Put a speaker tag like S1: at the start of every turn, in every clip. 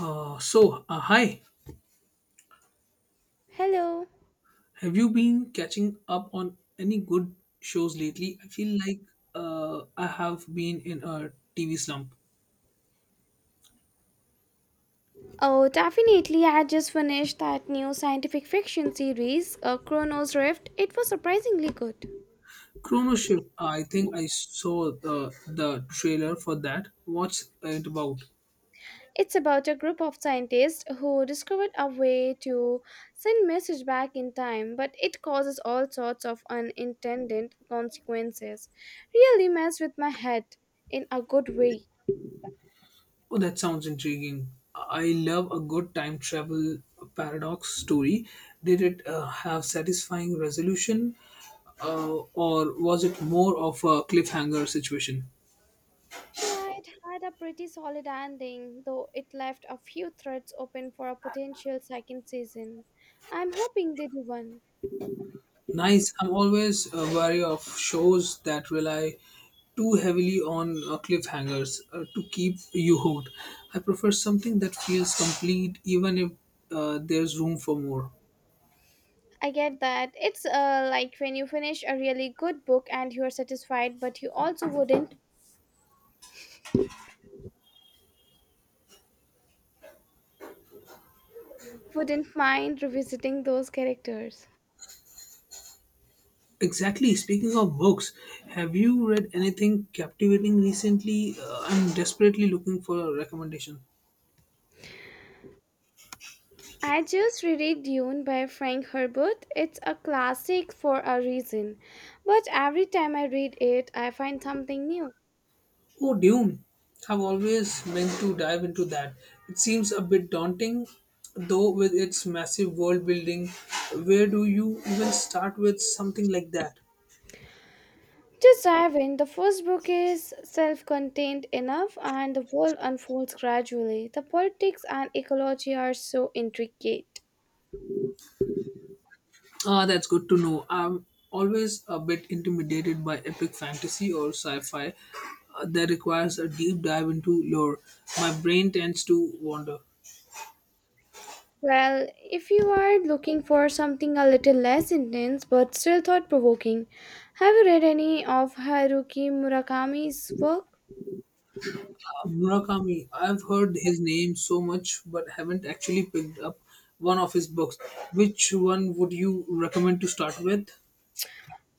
S1: Hi.
S2: Hello.
S1: Have you been catching up on any good shows lately? I feel like I have been in a TV slump.
S2: Oh, definitely. I had just finished that new scientific fiction series, Chronos Rift. It was surprisingly good.
S1: Chrono Shift. I think I saw the trailer for that. What's it about?
S2: It's about a group of scientists who discovered a way to send message back in time, but it causes all sorts of unintended consequences. Really messed with my head in a good way.
S1: Oh, that sounds intriguing. I love a good time travel paradox story. Did it have satisfying resolution, uh, or was it more of a cliffhanger situation?
S2: Yeah, it had a pretty solid ending, though it left a few threads open for a potential second season. I'm hoping they do one.
S1: Nice. I'm always wary of shows that rely too heavily on cliffhangers to keep you hooked. I prefer something that feels complete, even if there's room for more.
S2: I get that. It's like when you finish a really good book and you are satisfied, but you also wouldn't mind revisiting those characters.
S1: Exactly. Speaking of books, have you read anything captivating recently? I'm desperately looking for a recommendation.
S2: I just reread Dune by Frank Herbert. It's a classic for a reason, but every time I read it, I find something new.
S1: Oh, Dune. I've always meant to dive into that. It seems a bit daunting, though, with its massive world building. Where do you even start with something like that?
S2: Just dive in. The first book is self contained enough, and the world unfolds gradually. The politics and ecology are so intricate.
S1: Ah, that's good to know. I'm always a bit intimidated by epic fantasy or sci fi that requires a deep dive into lore. My brain tends to wander.
S2: Well, if you are looking for something a little less intense but still thought provoking, have you read any of Haruki Murakami's work?
S1: Murakami, I've heard his name so much but haven't actually picked up one of his books. Which one would you recommend to start with?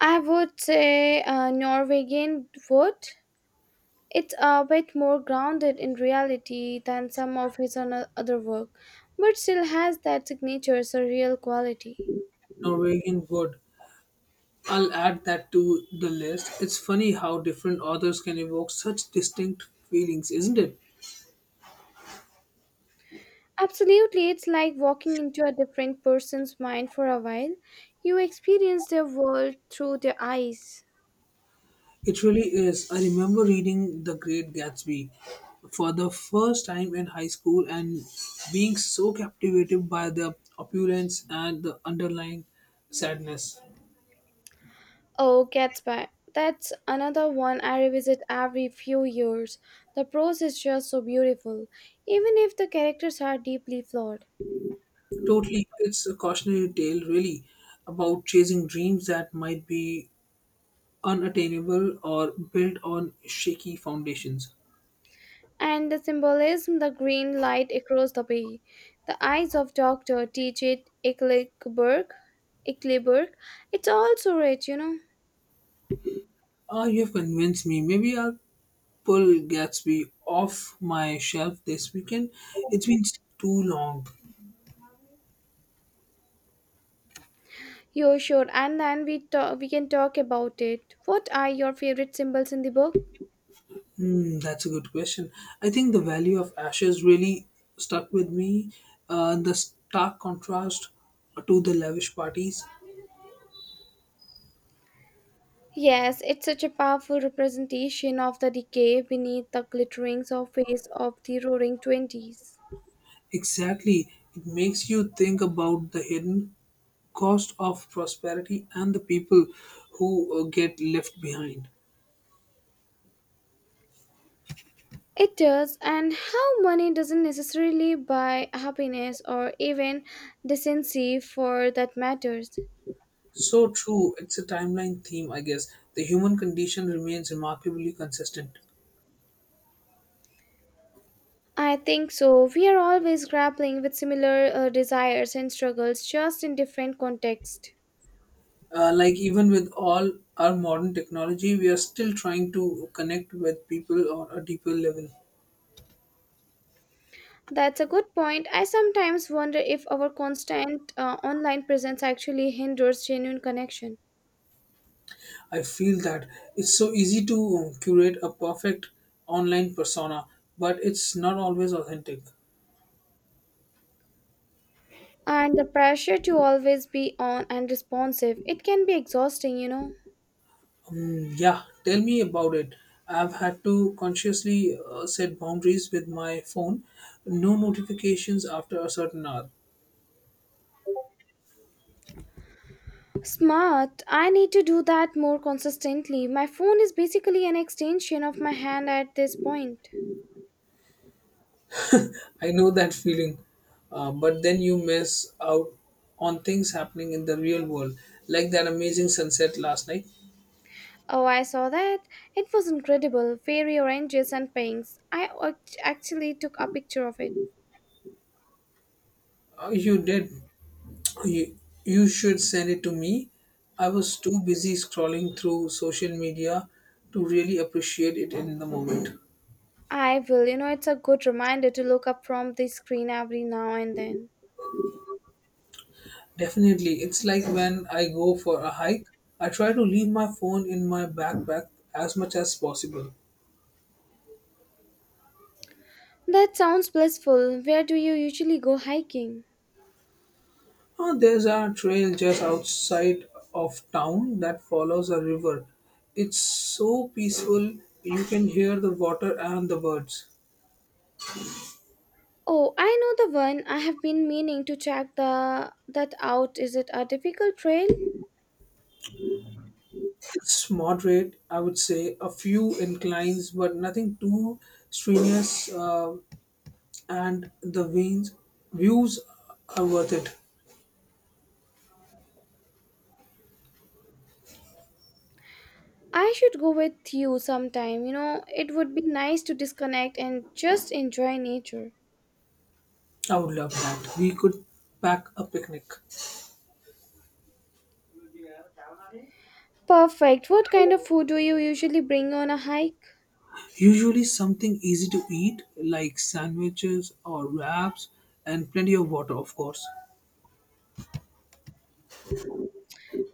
S2: I would say Norwegian Wood. It's a bit more grounded in reality than some of his other work, but still has that signature surreal quality.
S1: Norwegian Wood. I'll add that to the list. It's funny how different authors can evoke such distinct feelings, isn't it?
S2: Absolutely, it's like walking into a different person's mind for a while. You experience their world through their eyes.
S1: It really is. I remember reading The Great Gatsby for the first time in high school and being so captivated by the opulence and the underlying sadness.
S2: Oh, Cat's by. That's another one I revisit every few years. The prose is just so beautiful, even if the characters are deeply flawed.
S1: Totally, it's a cautionary tale, really, about chasing dreams that might be unattainable or built on shaky foundations.
S2: And the symbolism, the green light across the bay, the eyes of Dr. T.J. Eckleburg, Eckleburg, it's all so rich, you know.
S1: Ah, you have convinced me. Maybe I'll pull Gatsby off my shelf this weekend. It's been too long.
S2: You're sure, and then we can talk about it. What are your favorite symbols in the book?
S1: Hmm, that's a good question. I think the value of ashes really stuck with me. The stark contrast to the lavish parties.
S2: Yes, it's such a powerful representation of the decay beneath the glittering surface of the roaring '20s.
S1: Exactly. It makes you think about the hidden cost of prosperity and the people who get left behind.
S2: It does, and how money doesn't necessarily buy happiness or even decency for that matters.
S1: So true. It's a timeline theme, I guess. The human condition remains remarkably consistent.
S2: I think so. We are always grappling with similar desires and struggles just in different contexts.
S1: Like even with all our modern technology, we are still trying to connect with people on a deeper level.
S2: That's a good point. I sometimes wonder if our constant online presence actually hinders genuine connection.
S1: I feel that it's so easy to curate a perfect online persona, but it's not always authentic.
S2: And the pressure to always be on and responsive, it can be exhausting.
S1: Mm, yeah, tell me about it. I've had to consciously set boundaries with my phone. No notifications after a certain hour.
S2: Smart, I need to do that more consistently. My phone is basically an extension of my hand at this point.
S1: I know that feeling. But then you miss out on things happening in the real world, like that amazing sunset last night.
S2: Oh, I saw that. It was incredible, fairy oranges and pinks. I actually took a picture of it.
S1: You did. You, you should send it to me. I was too busy scrolling through social media to really appreciate it in the moment.
S2: I will. It's a good reminder to look up from the screen every now and then.
S1: Definitely. It's like when I go for a hike, I try to leave my phone in my backpack as much as possible.
S2: That sounds blissful. Where do you usually go hiking?
S1: There's a trail just outside of town that follows a river. It's so peaceful, you can hear the water and the birds.
S2: Oh, I know the one. I have been meaning to check the that out. Is it a difficult trail?
S1: It's moderate, I would say, a few inclines, but nothing too strenuous, and the views are worth it.
S2: I should go with you sometime. You know, it would be nice to disconnect and just enjoy nature.
S1: I would love that. We could pack a picnic.
S2: Perfect. What kind of food do you usually bring on a hike?
S1: Usually something easy to eat like sandwiches or wraps and plenty of water, of course.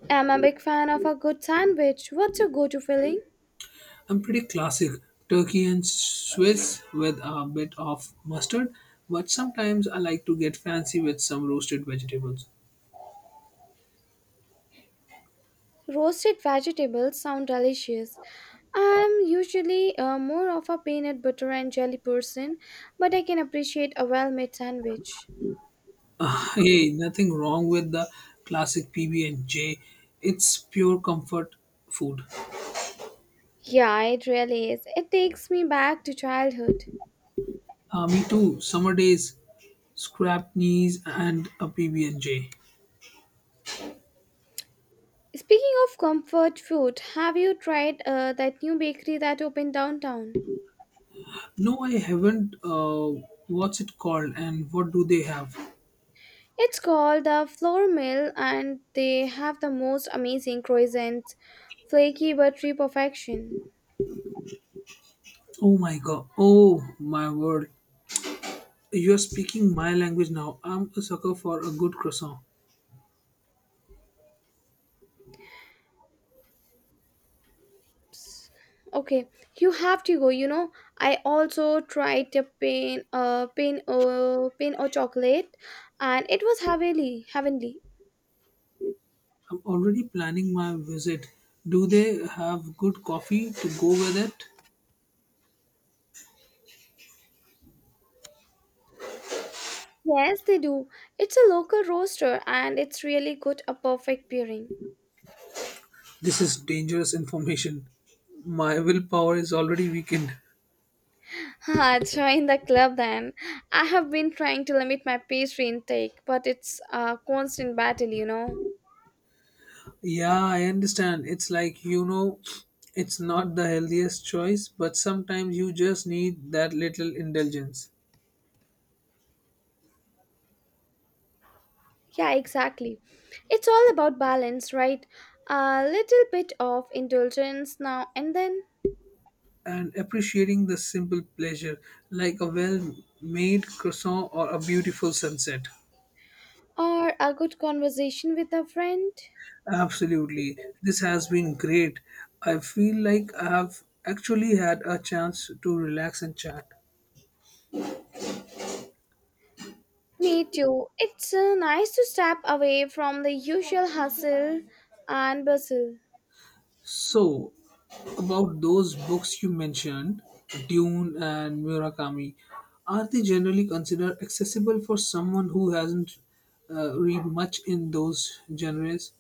S2: I'm a big fan of a good sandwich. What's your go-to filling?
S1: I'm pretty classic turkey and Swiss with a bit of mustard, but sometimes I like to get fancy with some roasted vegetables.
S2: Roasted vegetables sound delicious. I'm usually more of a peanut butter and jelly person, but I can appreciate a well-made sandwich.
S1: Ah, hey, nothing wrong with the classic PB&J. It's pure comfort food.
S2: Yeah, it really is. It takes me back to childhood.
S1: Ah, me too. Summer days, scrap knees and a PB&J.
S2: Speaking of comfort food, have you tried that new bakery that opened downtown?
S1: No, I haven't. What's it called? And what do they have?
S2: It's called the Flour Mill, and they have the most amazing croissants, flaky buttery perfection.
S1: Oh my god. Oh my word. You're speaking my language now. I'm a sucker for a good croissant.
S2: Okay, you have to go. You know, I also tried the pain or chocolate, and it was heavenly, heavenly.
S1: I'm already planning my visit. Do they have good coffee to go with it?
S2: Yes, they do. It's a local roaster and it's really good, a perfect pairing.
S1: This is dangerous information. My willpower is already weakened.
S2: Ah, join the club then. I have been trying to limit my pastry intake, but it's a constant battle.
S1: Yeah, I understand. It's like, it's not the healthiest choice, but sometimes you just need that little indulgence.
S2: Yeah, exactly. It's all about balance, right? A little bit of indulgence now and then,
S1: And appreciating the simple pleasure like a well made croissant or a beautiful sunset.
S2: or a good conversation with a friend.
S1: Absolutely. This has been great. I feel like I have actually had a chance to relax and chat.
S2: Me too. It's nice to step away from the usual hustle and bustle.
S1: So, about those books you mentioned, Dune and Murakami, are they generally considered accessible for someone who hasn't read much in those genres?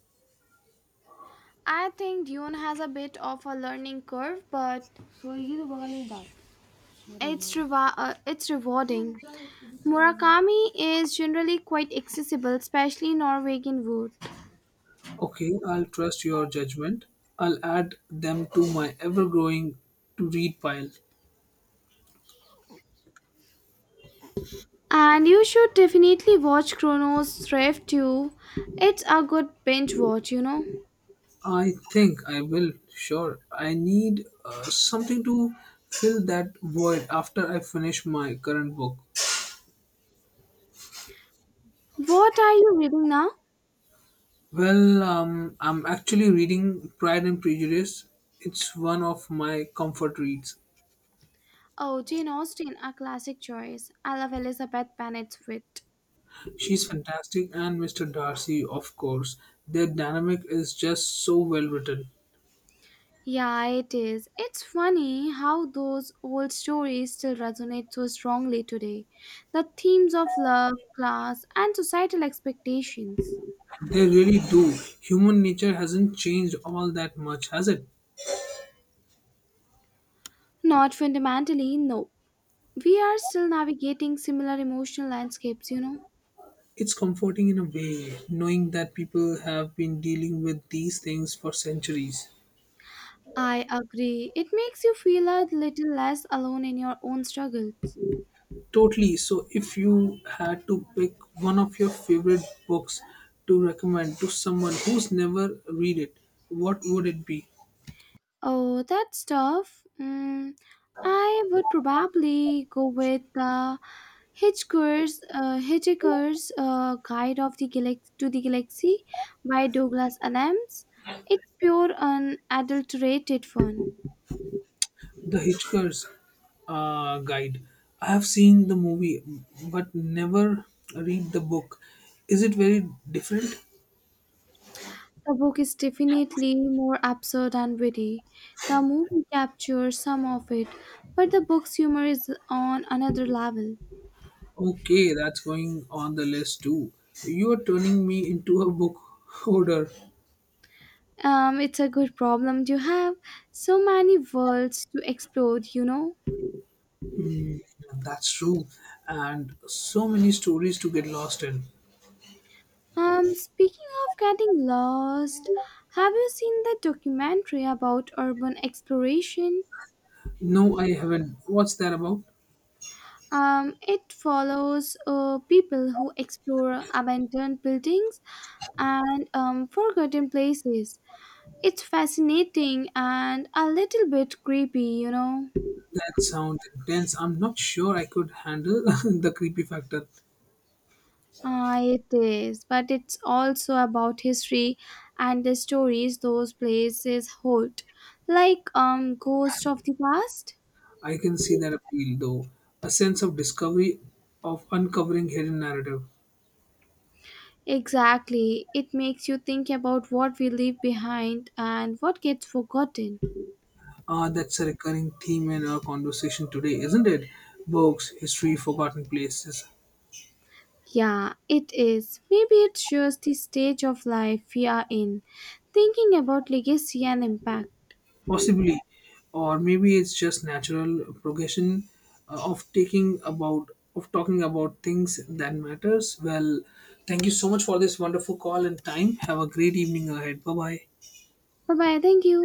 S2: I think Dune has a bit of a learning curve, but So ये तो बगल में डाल, मेरे it's, लिए। It's rewarding. Murakami is generally quite accessible, especially Norwegian wood.
S1: Okay, I'll trust your judgment. I'll add them to my ever growing to read pile.
S2: And you should definitely watch Chrono's Thrift too. It's a good binge watch.
S1: I think I will, sure. I need something to fill that void after I finish my current book.
S2: What are you reading now?
S1: Well, I'm actually reading Pride and Prejudice. It's one of my comfort reads.
S2: Oh, Jane Austen, a classic choice. I love Elizabeth Bennet's wit.
S1: She's fantastic, and Mr. Darcy, of course. Their dynamic is just so well written.
S2: Yeah, it is. It's funny how those old stories still resonate so strongly today. The themes of love, class, and societal expectations.
S1: They really do. Human nature hasn't changed all that much, has it?
S2: Not fundamentally, no. We are still navigating similar emotional landscapes, you know.
S1: It's comforting in a way, knowing that people have been dealing with these things for centuries.
S2: I agree. It makes you feel a little less alone in your own struggles.
S1: Totally. So, if you had to pick one of your favorite books to recommend to someone who's never read it, what would it be?
S2: Oh, that's tough. Mm, I would probably go with the Hitchhiker's Guide to the Galaxy by Douglas Adams. It's pure unadulterated fun.
S1: The Hitchhiker's Guide. I have seen the movie, but never read the book. Is it very different?
S2: The book is definitely more absurd and witty. The movie captures some of it, but the book's humor is on another level.
S1: Okay, that's going on the list too. You are turning me into a book hoarder.
S2: It's a good problem to have. So many worlds to explore.
S1: Hmm, that's true. And so many stories to get lost in.
S2: Speaking of getting lost, have you seen the documentary about urban exploration?
S1: No, I haven't. What's that about?
S2: It follows people who explore abandoned buildings and forgotten places. It's fascinating and a little bit creepy, you know.
S1: That sounds intense. I'm not sure I could handle the creepy factor.
S2: Ah, it is, but it's also about history and the stories those places hold, like ghosts of the past.
S1: I can see that appeal though. A sense of discovery, of uncovering hidden narrative.
S2: Exactly. It makes you think about what we leave behind and what gets forgotten.
S1: Ah, that's a recurring theme in our conversation today, isn't it? Books, history, forgotten places.
S2: Yeah, it is. Maybe it shows the stage of life we are in, thinking about legacy and impact.
S1: Possibly, or maybe it's just natural progression uh, of taking about of talking about things that matters. Well, thank you so much for this wonderful call and time. Have a great evening ahead. Bye bye.
S2: Bye bye. Thank you.